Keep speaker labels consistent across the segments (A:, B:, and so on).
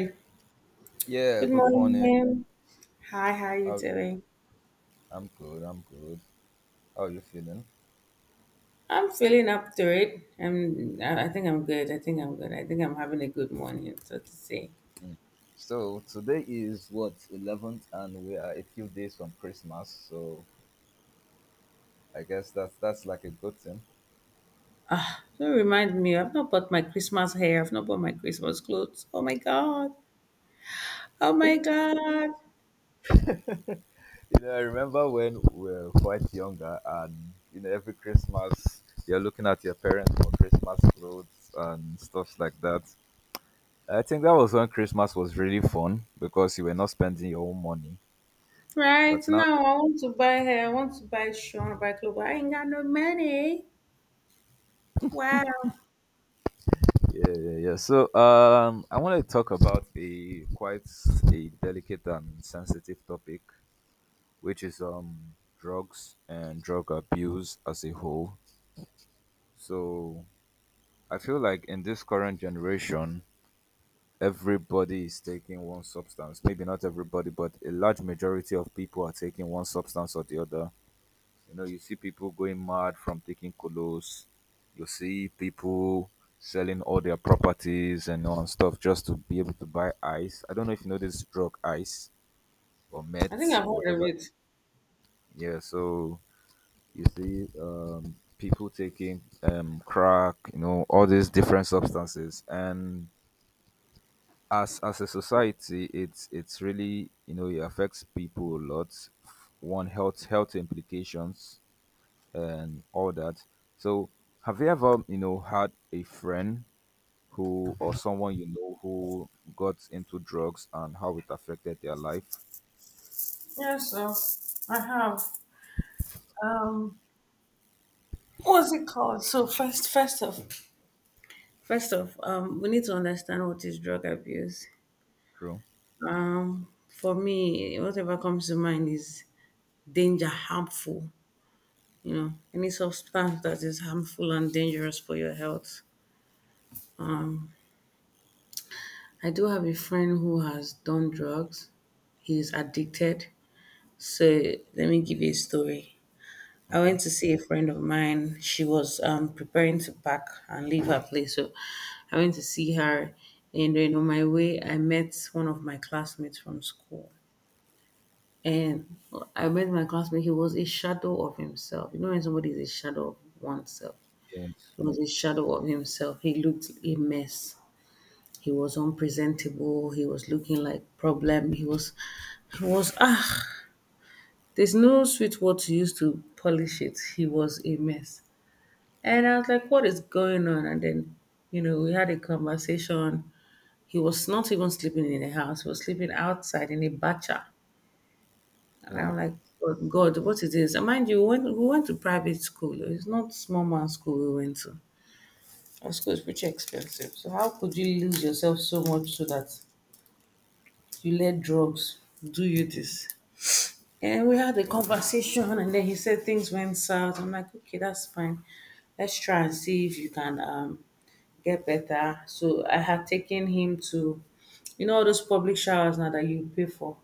A: Good
B: Yeah, good
A: morning,
B: morning.
A: ma'am. Hi, how are you
B: How,
A: doing?
B: I'm good. I'm good. How are you feeling?
A: I'm feeling up to it. I'm, I think I'm good. I think I'm good. I think I'm having a good morning, so to say.
B: Mm. So today is what, 11th, and we are a few days from Christmas. So I guess that's like a good thing.
A: Don't remind me, I've not bought my Christmas hair. I've not bought my Christmas clothes. Oh my God. Oh my God.
B: You know, I remember when we were quite younger, and you know, every Christmas you're looking at your parents for Christmas clothes and stuff like that. I think that was when Christmas was really fun because you were not spending your own money.
A: Right
B: But now,
A: now, I want to buy hair. I want to buy shoe. I want to buy clothes, but I ain't got no money. Wow.
B: yeah, yeah, yeah. So, I want to talk about a quite a delicate and sensitive topic, which is drugs and drug abuse as a whole. So, I feel like in this current generation, everybody is taking one substance. Maybe not everybody, but a large majority of people are taking one substance or the other. You know, you see people going mad from taking colos. You see people selling all their properties and all and stuff just to be able to buy ice. I don't know if you know this drug ice or
A: I think
B: meth
A: I've
B: or
A: heard of
B: whatever.
A: it.
B: Yeah, so you see people taking crack, you know, all these different substances, and as a society, it's really, you know, it affects people a lot. One health implications and all that. So, have you ever, you know, had a friend who, or someone you know who got into drugs and how it affected their life?
A: Yeah, so I have. Um, what's it called? So First off, we need to understand what is drug abuse.
B: True.
A: For me, whatever comes to mind is danger, harmful. Any substance that is harmful and dangerous for your health. I do have a friend who has done drugs. He's addicted. So let me give you a story. I went
B: Okay.
A: to see a friend of mine. She was preparing to pack and leave her place. So I went to see her. And then on my way, I met one of my classmates from school. And I met my classmate, he was a shadow of himself. When somebody is a shadow of oneself,
B: Yes.
A: he was a shadow of himself. He looked a mess. He was unpresentable. He was looking like problem. He was, ah, there's no sweet word to use to polish it. He was a mess. And I was like, what is going on? And then, we had a conversation. He was not even sleeping in the house. He was sleeping outside in a bacha. And I'm
B: Wow.
A: like, "Oh, God, what is this?" And mind you, when we went to private school, it's not small man school we went to. Our school is pretty expensive. So how could you lose yourself so much so that you let drugs do you this? And we had a conversation, and then he said things went south. I'm like, okay, that's fine. Let's try and see if you can get better. So I had taken him to, all those public showers now that you pay for.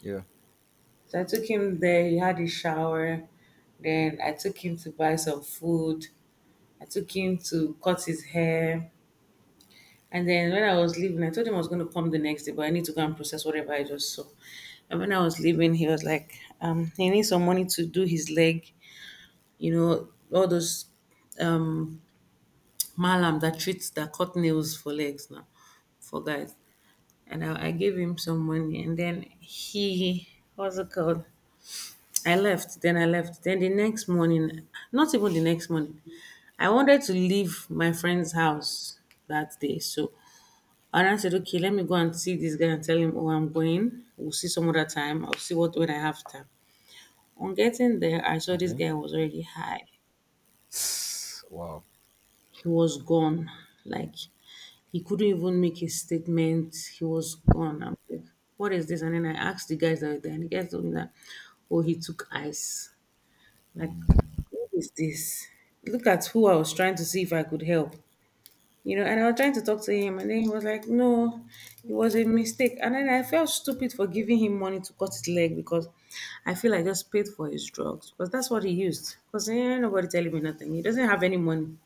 B: Yeah.
A: So I took him there, he had a shower. Then I took him to buy some food. I took him to cut his hair. And then when I was leaving, I told him I was going to come the next day, but I need to go and process whatever I just saw. And when I was leaving, he was like, he needs some money to do his leg, all those um malam that treats that cut nails for legs now for guys. And I gave him some money and then he what's it called? I left. Then the next morning, not even the next morning, I wanted to leave my friend's house that day. So and I said, okay, let me go and see this guy and tell him, oh, I'm going. We'll see some other time. I'll see what when I have time. On getting there, I saw this
B: Okay.
A: guy was already high.
B: Wow.
A: He was gone. Like he couldn't even make a statement. He was gone. I'm like, what is this? And then I asked the guys that were there, and the guys told me that, oh, he took ice. Like, what is this? Look at who I was trying to see if I could help. And I was trying to talk to him, and then he was like, no, it was a mistake. And then I felt stupid for giving him money to cut his leg because I feel I just paid for his drugs because that's what he used. Because eh, nobody telling me nothing. He doesn't have any money.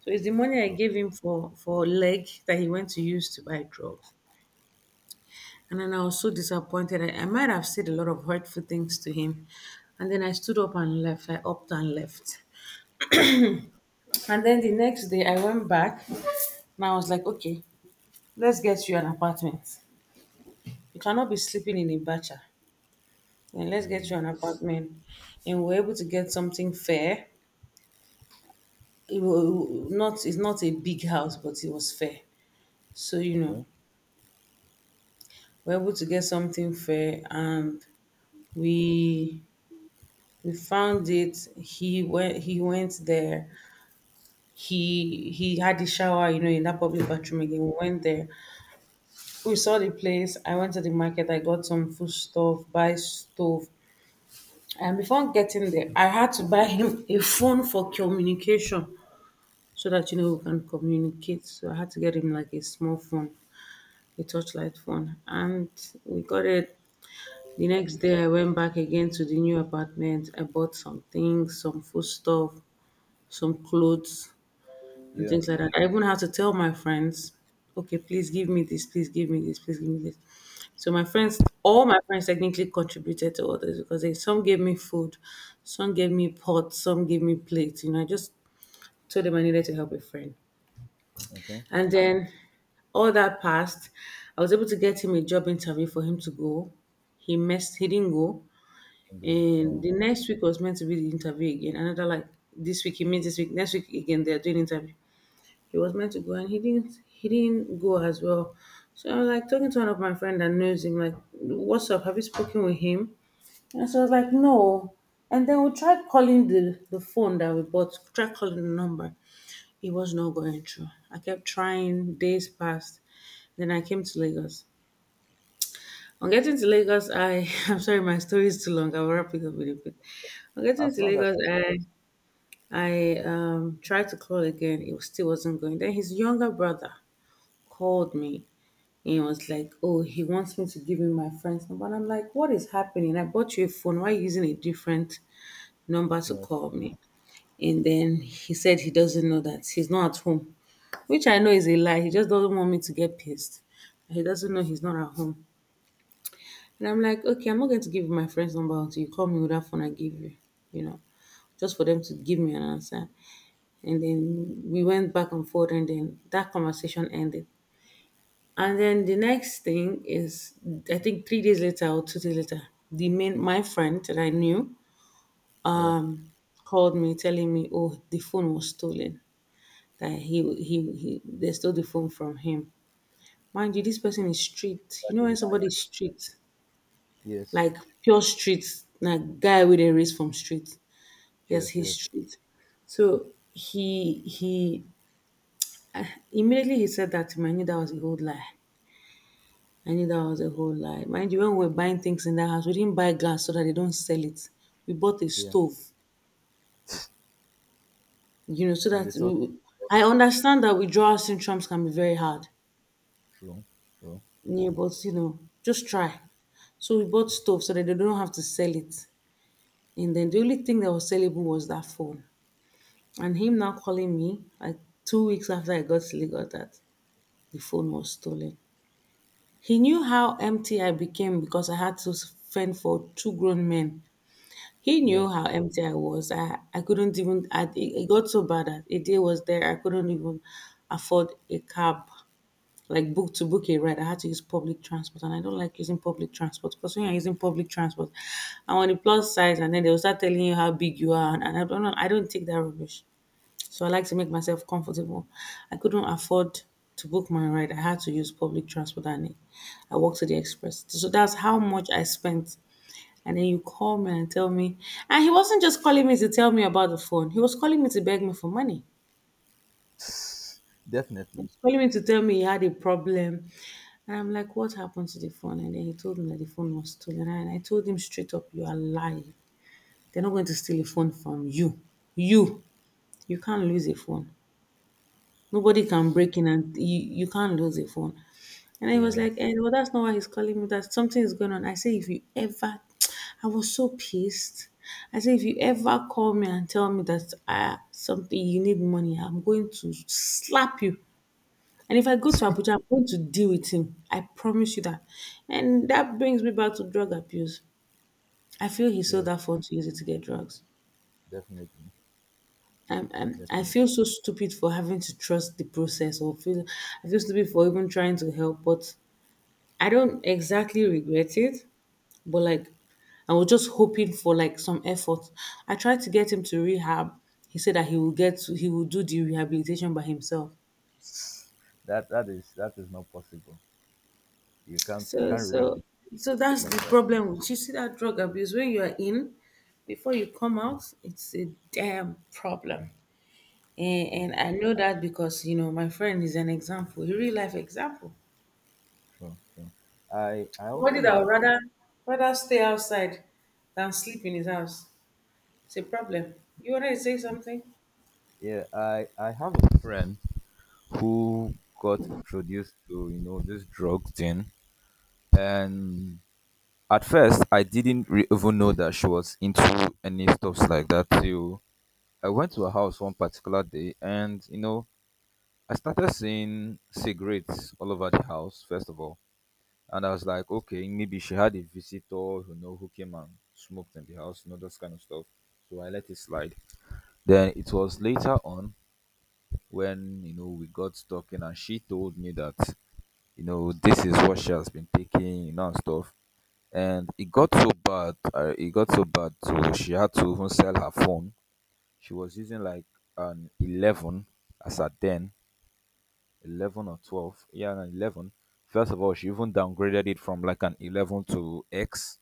A: So it's the money I
B: True.
A: gave him for leg that he went to use to buy drugs. And then I was so disappointed. I might have said a lot of hurtful things to him. And then I stood up and left. I upped and left. And then the next day I went back and I was like, okay, let's get you an apartment. You cannot be sleeping in a bacha. And let's get you an apartment. And we are able to get something fair. It's not a big house, but it was fair. So,
B: Okay.
A: we're able to get something fair and we we found it. He went there. He had the shower, in that public bathroom again. We went there. We saw the place. I went to the market. I got some food stuff, buy stove. And before getting there, I had to buy him a phone for communication so that we can communicate. So I had to get him like a small phone, a touchlight phone. And we got it. The next day I went back again to the new apartment. I bought some things, some food stuff, some clothes, and
B: Yeah.
A: things like that. I even had to tell my friends, okay, please give me this, please give me this, please give me this. So my friends, all my friends technically contributed to all this because they, some gave me food, some gave me pots, some gave me plates. I just told them I needed to help a friend.
B: Okay.
A: And then all that passed. I was able to get him a job interview for him to go. He messed, he didn't go.
B: Bingo.
A: And
B: Wow.
A: the next week was meant to be the interview again. Another like this week he meets this week, next week again they're doing interview. He was meant to go and he didn't go as well. So I was like talking to one of my friend that knows him, like, what's up? Have you spoken with him? And so I was like, no. And then we tried calling the phone that we bought, tried calling the number. It was not going through. I kept trying, days passed. Then I came to Lagos. On getting to Lagos, I I'm sorry, my story is too long. I will wrap it up with a bit. On getting
B: As
A: to
B: long as
A: Lagos, I tried to call again. Still wasn't going. Then his younger brother called me and was like, oh, he wants me to give him my friend's number. And I'm like, what is happening? I bought you a phone. Why are you using a different number to
B: yes.
A: call me? And then he said he doesn't know that he's not at home, which I know is a lie. He just doesn't want me to get pissed. He doesn't know he's not at home. And I'm like, okay, I'm not going to give you my friend's number until you call me with that phone I give you, you know just for them to give me an answer. And then we went back and forth, and then that conversation ended. And then the next thing is, I think 3 days later or 2 days later, the main my friend that I knew
B: Yeah.
A: um, called me telling me, "Oh, the phone was stolen. That he they stole the phone from him." Mind you, this person is street. You
B: That's
A: know
B: a
A: when
B: lie.
A: somebody's street,
B: Yes.
A: like pure street, like guy with a race from street. Yes,
B: Yes.
A: he's
B: Yes.
A: street. So he immediately he said that to me. I knew that was a whole lie. I knew that was a whole lie. Mind you, when we were buying things in that house, we didn't buy glass so that they don't sell it. We bought a
B: Yeah.
A: stove, so
B: And
A: that
B: the social
A: we, I understand that withdrawal symptoms can be very hard.
B: true. True.
A: Yeah, but just try. So we bought stove so that they don't have to sell it. And then the only thing that was sellable was that phone. And him now calling me like 2 weeks after I got to Lagos that the phone was stolen. He knew how empty I became because I had to fend for two grown men. He
B: Yeah.
A: knew how empty I was. I couldn't even, it got so bad that a day was there, I couldn't even afford a cab, like book a ride. I had to use public transport, and I don't like using public transport because when you're using public transport, I'm on the plus size, and then they'll start telling you how big you are. And I don't know, I don't take that rubbish. So I like to make myself comfortable. I couldn't afford to book my ride. I had to use public transport, and I walked to the express. So that's how much I spent and then you call me and tell me, and he wasn't just calling me to tell me about the phone. He was calling me to beg me for money. He
B: Definitely.
A: was calling me to tell me he had a problem. And I'm like, what happened to the phone? And then he told me that the phone was stolen. And I told him straight up, you are lying. They're not going to steal a phone from you. You. You can't lose a phone. Nobody can break in and you can't lose a phone. And I was
B: Yes.
A: like, eh, well, that's not why he's calling me. That something is going on. I say, if you ever, I was so pissed. I say, if you ever call me and tell me that something you need money, I'm going to slap you. And if I go to Abuja, I'm going to deal with him. I promise you that. And that brings me back to drug abuse. I feel he sold
B: Yes.
A: that phone to use it to get drugs.
B: Definitely.
A: I
B: Definitely.
A: feel so stupid for having to trust the process or feel I feel stupid for even trying to help, but I don't exactly regret it, but like I was just hoping for like some effort. I tried to get him to rehab. He said that he will do the rehabilitation by himself.
B: That is not possible. You can't you
A: So
B: can't
A: so
B: rehabilitate
A: so that's the
B: like that.
A: problem, you see, that drug abuse, when you are in, before you come out, it's a damn problem. And I know that because you know my friend is an example, a real life example.
B: True, true. I
A: Somebody
B: also
A: that would
B: had
A: rather stay outside than sleep in his house. It's a problem. You want to say something?
B: yeah, I have a friend who got introduced to, you know, this drug thing, and at first I didn't re- even know that she was into any stuffs like that till I went to her house one particular day, and you know, I started seeing cigarettes all over the house. First of all, and I was like, okay, maybe she had a visitor, you know, who came and smoked in the house, you know, those kind of stuff. So I let it slide. Then it was later on when, you know, we got talking and she told me that, you know, this is what she has been taking, you know, and stuff. And it got so bad, it got so bad, so she had to even sell her phone. She was using like an 11 as at then, 11 or 12, yeah no, 11. First of all she even downgraded it from like an 11 to X.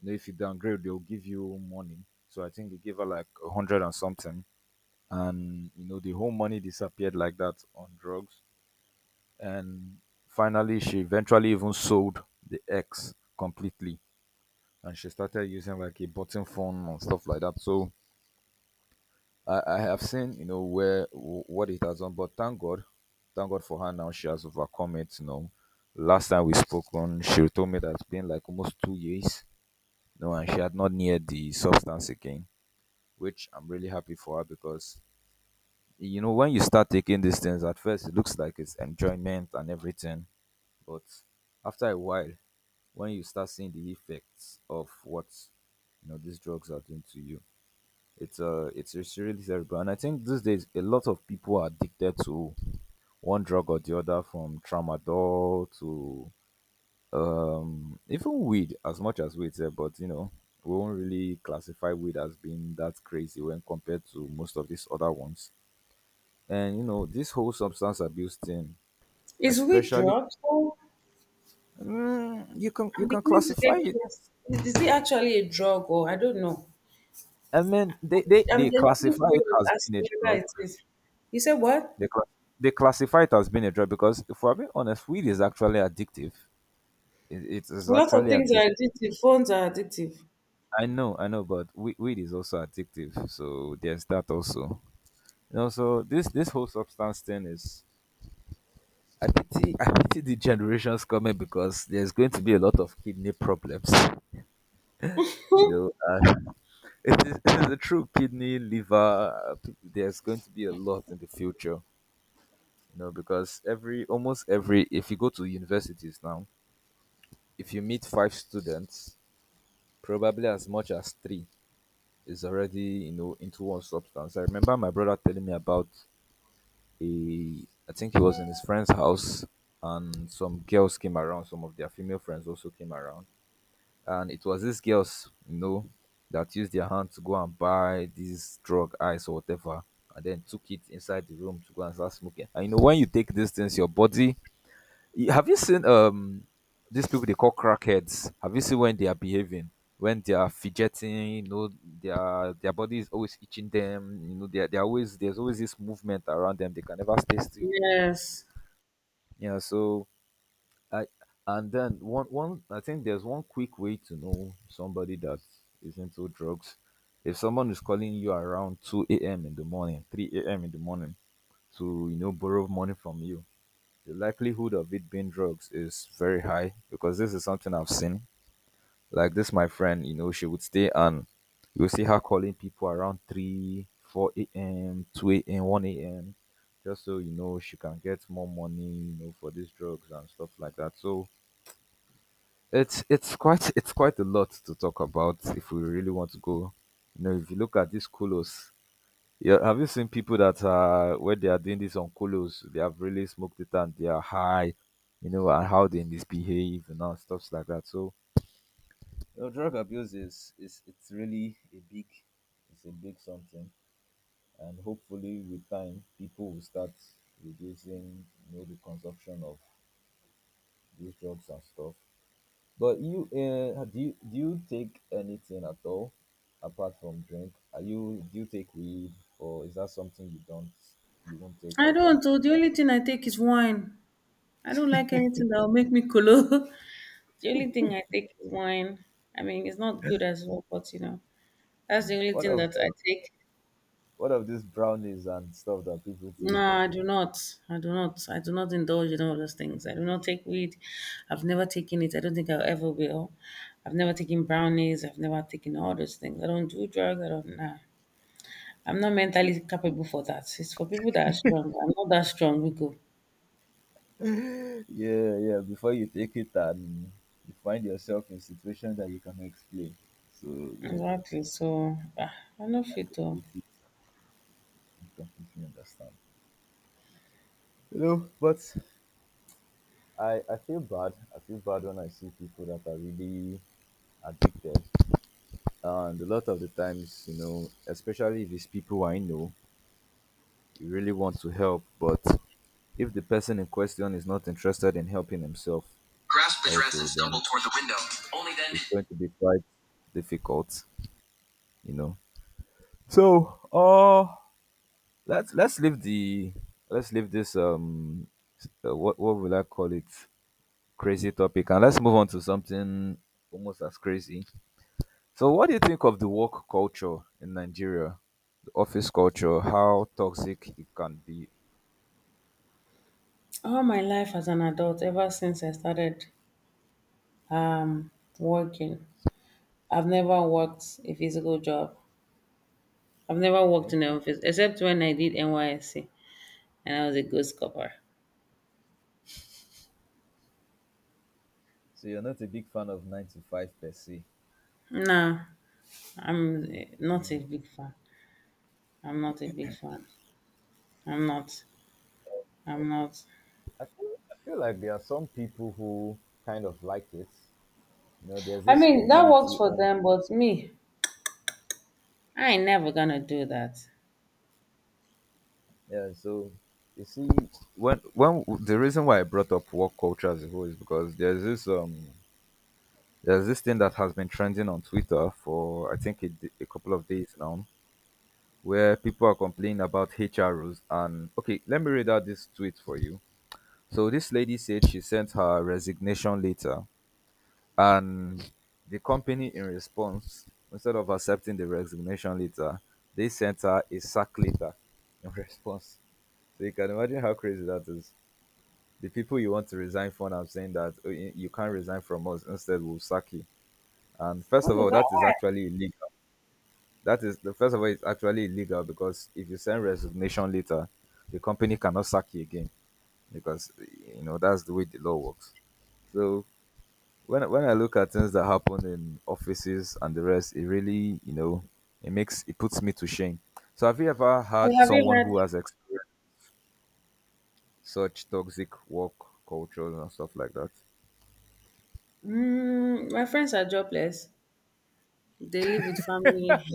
B: You know, if you downgrade they'll give you money, so I think they gave her like a 100 and something, and you know the whole money disappeared like that on drugs. And finally she eventually even sold the X completely, and she started using like a button phone and stuff like that. So I have seen, you know, where what it has done, but thank God for her now. She has overcome it. You know, last time we spoke on, she told me that it's been like almost 2 years, you know, and she had not neared the substance again, which I'm really happy for her because, you know, when you start taking these things, at first it looks like it's enjoyment and everything, but after a while, when you start seeing the effects of what, you know, these drugs are doing to you, it's really terrible, and I think these days a lot of people are addicted to one drug or the other, from tramadol to even weed, as much as weed, sef, but you know we won't really classify weed as being that crazy when compared to most of these other ones. And you know this whole substance abuse thing,
A: Is weed
B: especially
A: drug? Oh,
B: mm,
A: I'm
B: you can
A: beginning to get
B: classify it.
A: curious. Is it actually a drug, or I don't know?
B: I mean,
A: I'm
B: they
A: genuinely
B: classify it
A: curious
B: as
A: as
B: being a
A: to whether
B: drug.
A: it is. You said what?
B: They, cla- they classify it as being a drug because, if we're being honest, weed is actually addictive. It is
A: A lot of
B: actually
A: things
B: addictive.
A: are addictive. Phones are addictive.
B: I know, but weed is also addictive. So there's that also. You know, so this whole substance thing is. I pity, I pity the generations coming because there's going to be a lot of kidney problems. You know, it is a true kidney, liver. There's going to be a lot in the future. You know, because every almost every, if you go to universities now, if you meet five students, probably as much as three is already, you know, into one substance. I remember my brother telling me about a, I think he was in his friend's house and some girls came around, some of their female friends also came around. And it was these girls, you know, that used their hand to go and buy this drug ice or whatever and then took it inside the room to go and start smoking. And you know when you take these things, your body have you seen these people they call crackheads? Have you seen when they are behaving? When they are fidgeting, you know, their body is always itching them, you know, they're always, there's always this movement around them, they can never stay still.
A: Yes.
B: Yeah, so I, and then one I think there's one quick way to know somebody that is into drugs. If someone is calling you around two AM in the morning, three AM in the morning to, you know, borrow money from you, the likelihood of it being drugs is very high because this is something I've seen. Like this, my friend, you know, she would stay and you will see her calling people around 3, 4 a.m., 2 a.m., 1 a.m., just so you know she can get more money, you know, for these drugs and stuff like that. So it's quite a lot to talk about if we really want to go. You know, if you look at these colos, yeah, have you seen people that are when they are doing this on colos, they have really smoked it and they are high, you know, and how they misbehave and all stuffs like that. So you know, drug abuse is it's really a big, it's a big something, and hopefully with time people will start reducing, you know, the consumption of these drugs and stuff. But you do you do you take anything at all apart from drink? Are you, do you take weed or is that something you don't, you won't take
A: I
B: ever?
A: don't. Oh, the only thing I take is wine. I don't like anything that will make me colo. The only thing I take is wine. I mean, it's not good as well, but you know. That's the only
B: What
A: thing
B: of
A: that I
B: uh,
A: take.
B: what of these brownies and stuff that people
A: No,
B: take?
A: I do not. I do not. I do not indulge in all those things. I do not take weed. I've never taken it. I don't think I ever will. I've never taken brownies. I've never taken all those things. I don't do drugs. I don't. Nah. I'm not mentally capable for that. It's for people that are strong. I'm not that strong. We go.
B: Yeah, yeah. Before you take it and you find yourself in a situation that you can explain. So yeah,
A: Exactly. So, ah, I know
B: I
A: fit though.
B: completely, I completely understand. You know, but I feel bad. I feel bad when I see people that are really addicted, and a lot of the times, you know, especially if it's people I know, you really want to help, but if the person in question is not interested in helping himself,
A: Grasped the dress and
B: also then
A: stumbled toward the window. Only then did
B: it's going to be quite difficult, you know. So, let's let's leave the let's leave this what will I call it, crazy topic, and let's move on to something almost as crazy. So, what do you think of the work culture in Nigeria, the office culture, how toxic it can be?
A: all my life as an adult, ever since I started working, I've never worked a physical job. I've never worked in
B: Okay,
A: the office except when I did NYSC and I was a ghost copper.
B: so you're not a big fan of nine to five per se.
A: Nah, I'm not a big fan. I'm not a big fan. I'm not. I'm not.
B: I feel like there are some people who kind of like it. You know, there's
A: I
B: this
A: mean, that works
B: stability.
A: for them, but me, I ain't never gonna do that.
B: Yeah, so you see, when the reason why I brought up work culture as a whole is because there's this thing that has been trending on Twitter for I think a couple of days now, where people are complaining about HR rules. And okay, let me read out this tweet for you. So this lady said she sent her resignation letter, and the company in response, instead of accepting the resignation letter, they sent her a sack letter in response. So you can imagine how crazy that is. The people you want to resign from are saying that, "Oh, you can't resign from us, instead we'll sack you." And first
A: What
B: of
A: is
B: all,
A: that?
B: that is
A: Why?
B: actually illegal. That is the first of all, it's actually illegal, because if you send resignation letter, the company cannot sack you again, because you know that's the way the law works. So when I look at things that happen in offices and the rest, it really, you know, it makes it puts me to shame. So have you ever
A: Well,
B: had
A: have you
B: someone
A: heard?
B: who has experienced such toxic work cultures and stuff like that?
A: Mm, my friends are jobless. They live with family.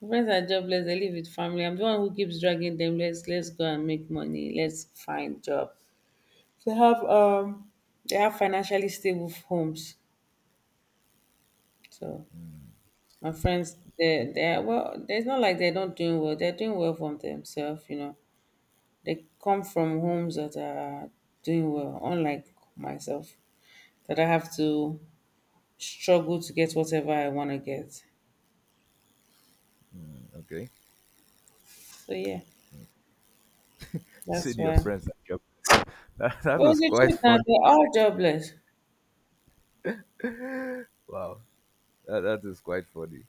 A: My friends are jobless. They live with family. I'm the one who keeps dragging them. Let's go and make money. Let's find job. They have um they have financially stable homes. So my friends, they are well, it's not like they're not doing well. They're doing well from themselves, you know. They come from homes that are doing well, unlike myself. That I have to struggle to get whatever I wanna get.
B: Okay.
A: So yeah, that's
B: Said your
A: why.
B: friends like your that
A: Well,
B: is
A: the
B: quite
A: truth now,
B: funny.
A: they're jobless.
B: Wow. That is quite funny.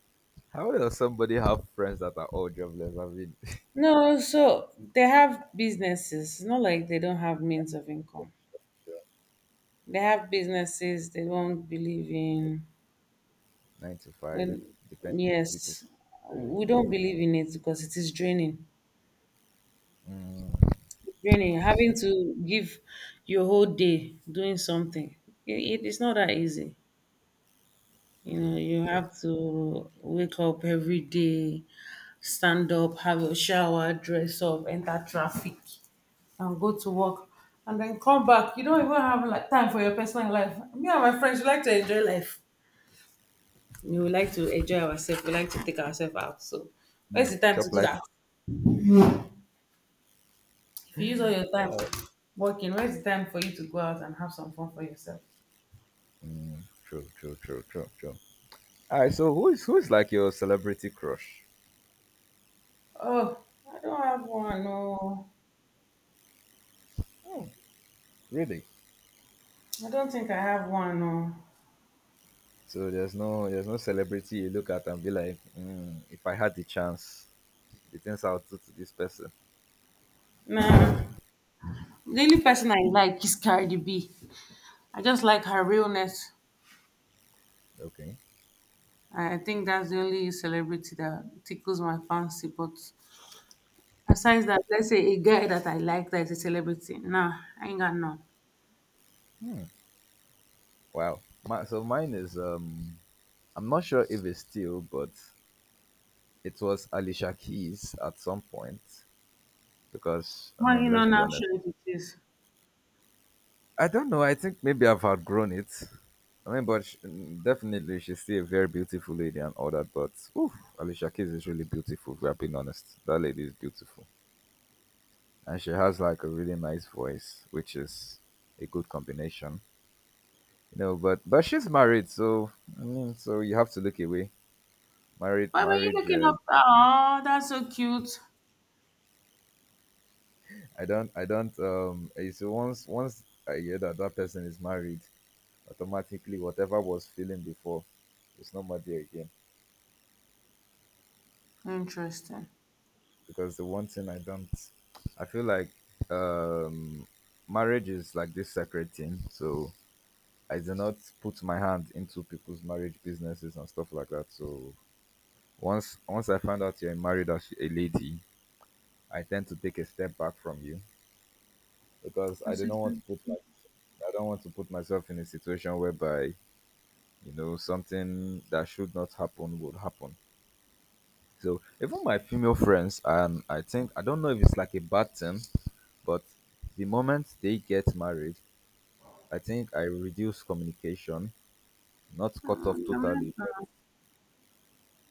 B: How does somebody have friends that are all jobless? I mean,
A: No, so they have businesses. It's not like they don't have means of income. They have businesses they don't believe in.
B: nine to five,
A: And
B: depends on people.
A: yes, we
B: Um,
A: don't believe in it because it is draining.
B: mm, I
A: Draining,
B: mean,
A: having
B: it's
A: to give your whole day doing something. It, it is not that easy. You
B: true,
A: know, you
B: true.
A: have to wake up every day, stand up, have a shower, dress up, enter traffic, and go to work. And then come back. You don't even have like time for your personal life. Me and my friends, we like to enjoy life. We like to enjoy ourselves. We like to take ourselves out. So, where's the time to
B: Chop
A: do
B: life,
A: that? If you use all your time working, where's the time for you to go out and have some fun for yourself?
B: true, true, true, true, true. All right. So who is like your celebrity crush?
A: Oh, I don't have one. No,
B: Oh, really?
A: I don't think I have one. No,
B: So there's no celebrity you look at and be like, mm, if I had the chance, the things I'll do to this person.
A: nah. The only person I like is Cardi B. I just like her realness.
B: Okay.
A: I think that's the only celebrity that tickles my fancy. But aside that, let's say a guy that I like that is a celebrity. Nah, I ain't got none.
B: Wow. My, so mine is I'm not sure if it's still, but it was Alicia Keys at some point, because I
A: Well, you
B: mean,
A: know
B: let's be
A: now,
B: honest.
A: sure if it is.
B: I don't know. I think maybe I've outgrown it. I mean, but sh, mm, definitely she's still a very beautiful lady and all that. But oof, Alicia Keys is really beautiful. If we are being honest, that lady is beautiful, and she has like a really nice voice, which is a good combination, you know. But she's married, so I mean, so you have to look away. Married
A: Why were you
B: marriage
A: looking up? Oh, that's so cute.
B: I don't eh, so once I hear that person is married, automatically whatever was feeling before, it's not more there again.
A: Interesting.
B: Because the one thing I don't, I feel like, um marriage is like this sacred thing. So I do not put my hand into people's marriage businesses and stuff like that. So once I find out you're married as a lady, I tend to take a step back from you, because I
A: That's
B: do
A: so
B: not want
A: cute.
B: to put like, I don't want to put myself in a situation whereby, you know, something that should not happen would happen. So even my female friends, and I think, I don't know if it's like a bad thing, but the moment they get married, I think I reduce communication. Not cut
A: Uh,
B: off totally, but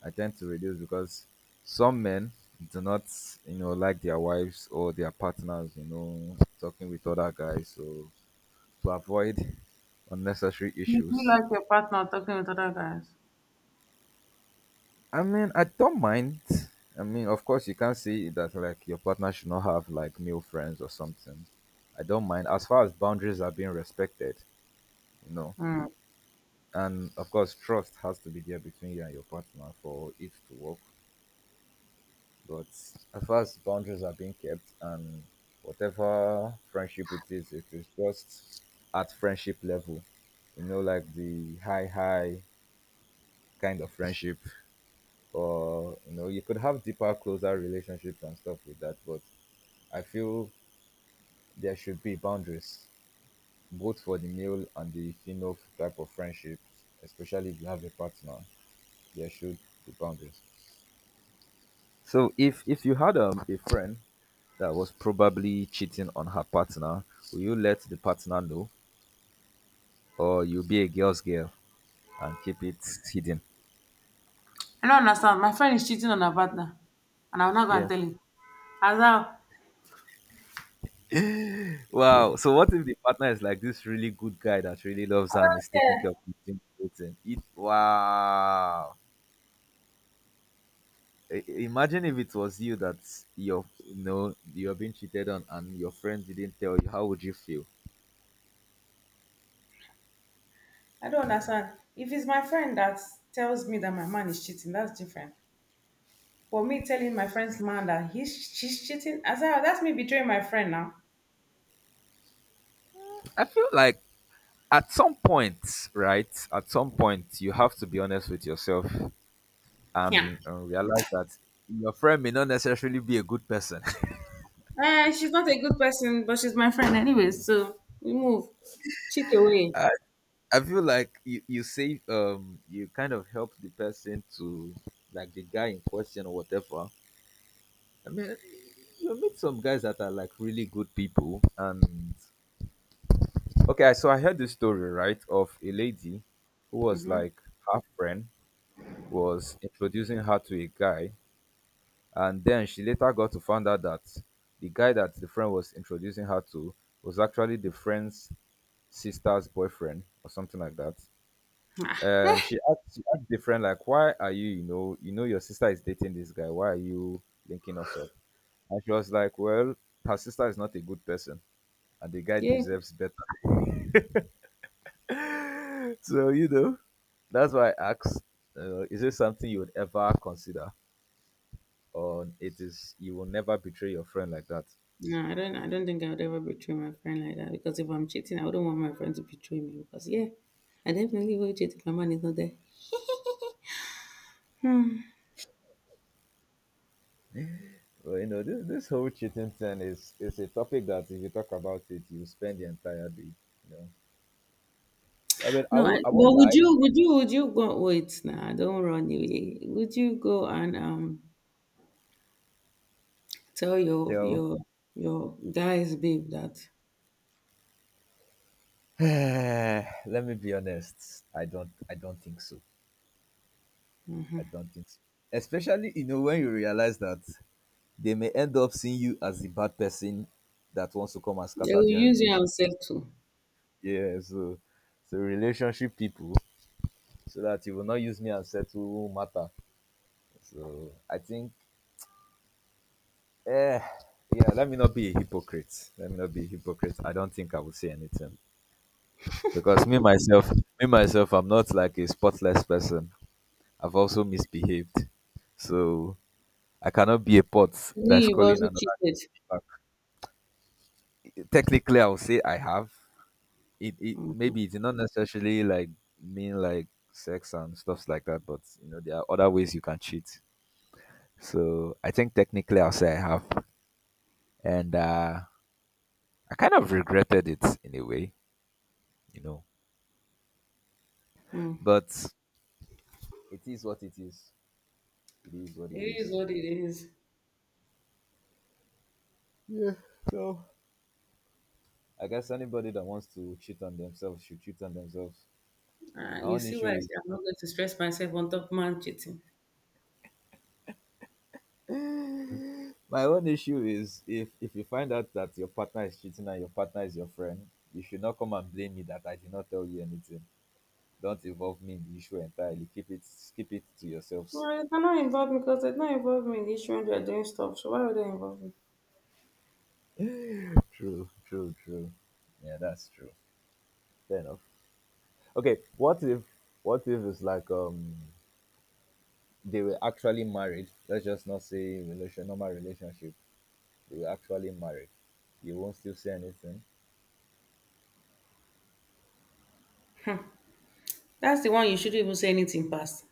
B: I tend to reduce, because some men do not, you know, like their wives or their partners, you know, talking with other guys. So to avoid unnecessary
A: you feel
B: issues.
A: like your partner talking with other guys.
B: I mean, I don't mind. I mean, of course, you can't say that like your partner should not have like male friends or something. I don't mind as far as boundaries are being respected, you know.
A: Hmm.
B: And of course, trust has to be there between you and your partner for it to work. But as far as boundaries are being kept, and whatever friendship it is just at friendship level, you know, like the high kind of friendship. Or you know, you could have deeper, closer relationships and stuff with that, but I feel there should be boundaries, both for the male and the female type of friendships. Especially if you have a partner, there should be boundaries. So if you had a friend that was probably cheating on her partner, will you let the partner know, or you'll be a girl's girl and keep it hidden?
A: I don't understand. My friend is cheating on her partner, and I'm not gonna
B: Yeah.
A: tell him. As
B: Wow. So what if the partner is like this really good guy that really loves her and is taking care of the everything? It, wow. Imagine if it was you that your are, you know, you're being cheated on and your friend didn't tell you. How would you feel?
A: I don't understand. If it's my friend that tells me that my man is cheating, that's different. But me telling my friend's man that he's she's cheating, as I, that's me betraying my friend now.
B: I feel like at some point, right? At some point, you have to be honest with yourself
A: Yeah.
B: and realize that your friend may not necessarily be a good person.
A: Eh, she's not a good person, but she's my friend anyway. So we move, cheat away.
B: I feel like you say you kind of help the person to, like the guy in question or whatever. I mean, you meet some guys that are like really good people, and okay, so I heard this story, right, of a lady who was
A: Mm-hmm.
B: like, her friend was introducing her to a guy, and then she later got to find out that the guy that the friend was introducing her to was actually the friend's sister's boyfriend or something like that. And she asked different, like, why are you, you know, you know your sister is dating this guy, why are you linking us up? And she was like, well, her sister is not a good person, and the guy
A: Yeah.
B: deserves better. so you know, that's why I asked, is it something you would ever consider, or it is you will never betray your friend like that?
A: No, I don't. I don't think I would ever betray my friend like that because if I'm cheating, I wouldn't want my friend to betray me. Because yeah, I definitely will cheat if my man is not there. Hmm.
B: Well, you know, this whole cheating thing is a topic that if you talk about it you spend the entire day, you know. I mean, i
A: No, I,
B: won't i
A: but
B: won't
A: would
B: lie.
A: you? Would you? Would you go? Wait, nah, don't run away. Would you go and tell your
B: Tell.
A: your guys, babe, that
B: Let me be honest. I don't think so. I don't think so. Especially, you know, when you realize that they may end up seeing you as the bad person that wants to come and
A: they
B: scatter
A: will
B: their
A: use you
B: relation.
A: and settle?
B: Yeah, so so relationship people, so that you will not use me and settle matter. So I think, eh, yeah, let me not be a hypocrite. Let me not be a hypocrite. I don't think I will say anything. Because me myself I'm not like a spotless person. I've also misbehaved. So I cannot be a pot
A: Me,
B: that's
A: you've
B: calling
A: also
B: another
A: cheated.
B: back. Technically, I would say I have. It maybe it's not necessarily like mean, like sex and stuffs like that, but you know there are other ways you can cheat. So I think technically I'll say I have, and I kind of regretted it in a way, you know.
A: Mm.
B: But it is what it is. It is what it
A: It is
B: is.
A: what it is.
B: Yeah. So I guess anybody that wants to cheat on themselves should cheat on themselves. My
A: You
B: own
A: see why
B: issue
A: I
B: is
A: say I'm not going to stress myself on top man cheating.
B: My own issue is, if you find out that your partner is cheating and your partner is your friend, you should not come and blame me that I did not tell you anything. Don't involve me in the issue entirely. Keep it, keep it to yourselves.
A: No, you cannot involve me because they don't involve me in the issue when they're doing stuff. So why would they involve me?
B: True, true, true. Yeah, that's true. Fair enough. Okay, what if, what if it's like they were actually married? Let's just not say relation, normal relationship. They were actually married. You won't still say anything.
A: That's the one you shouldn't even say anything past.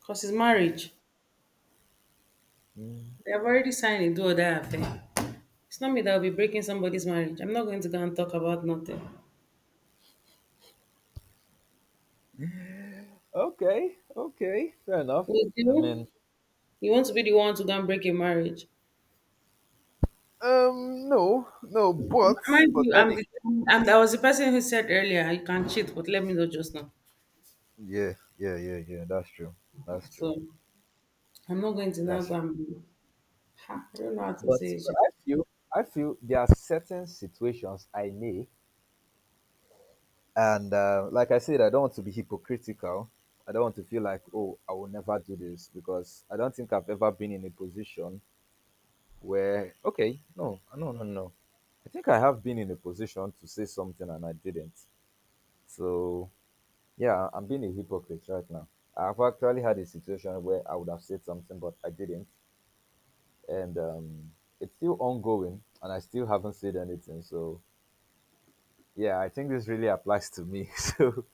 A: Because it's marriage.
B: Mm.
A: They have already signed a do or die affair. It's not me that will be breaking somebody's marriage. I'm not going to go and talk about nothing.
B: Okay, okay, fair enough.
A: Would
B: I mean,
A: you? You want to be the one to go and break a marriage?
B: No, no, but
A: Mind you,
B: botanic.
A: I'm the- I was the person who said earlier you can cheat, but let me know just now.
B: Yeah, yeah, yeah, yeah. That's true. That's true.
A: So I'm not going to now
B: That's
A: go
B: true.
A: and be, ha, I don't know how to say it.
B: But
A: It
B: I feel, I feel there are certain situations I may, and like I said, I don't want to be hypocritical. I don't want to feel like, oh, I will never do this, because I don't think I've ever been in a position where, okay, no, no, no, no. I think I have been in a position to say something and I didn't. So, yeah, I'm being a hypocrite right now. I've actually had a situation where I would have said something, but I didn't. And it's still ongoing, and I still haven't said anything. So, yeah, I think this really applies to me. so,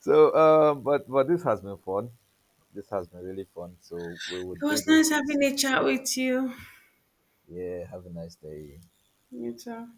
B: so but this has been fun. This has been really fun. So, we will do
A: was
B: this.
A: nice having a chat with you.
B: Yeah, have a nice day.
A: You too.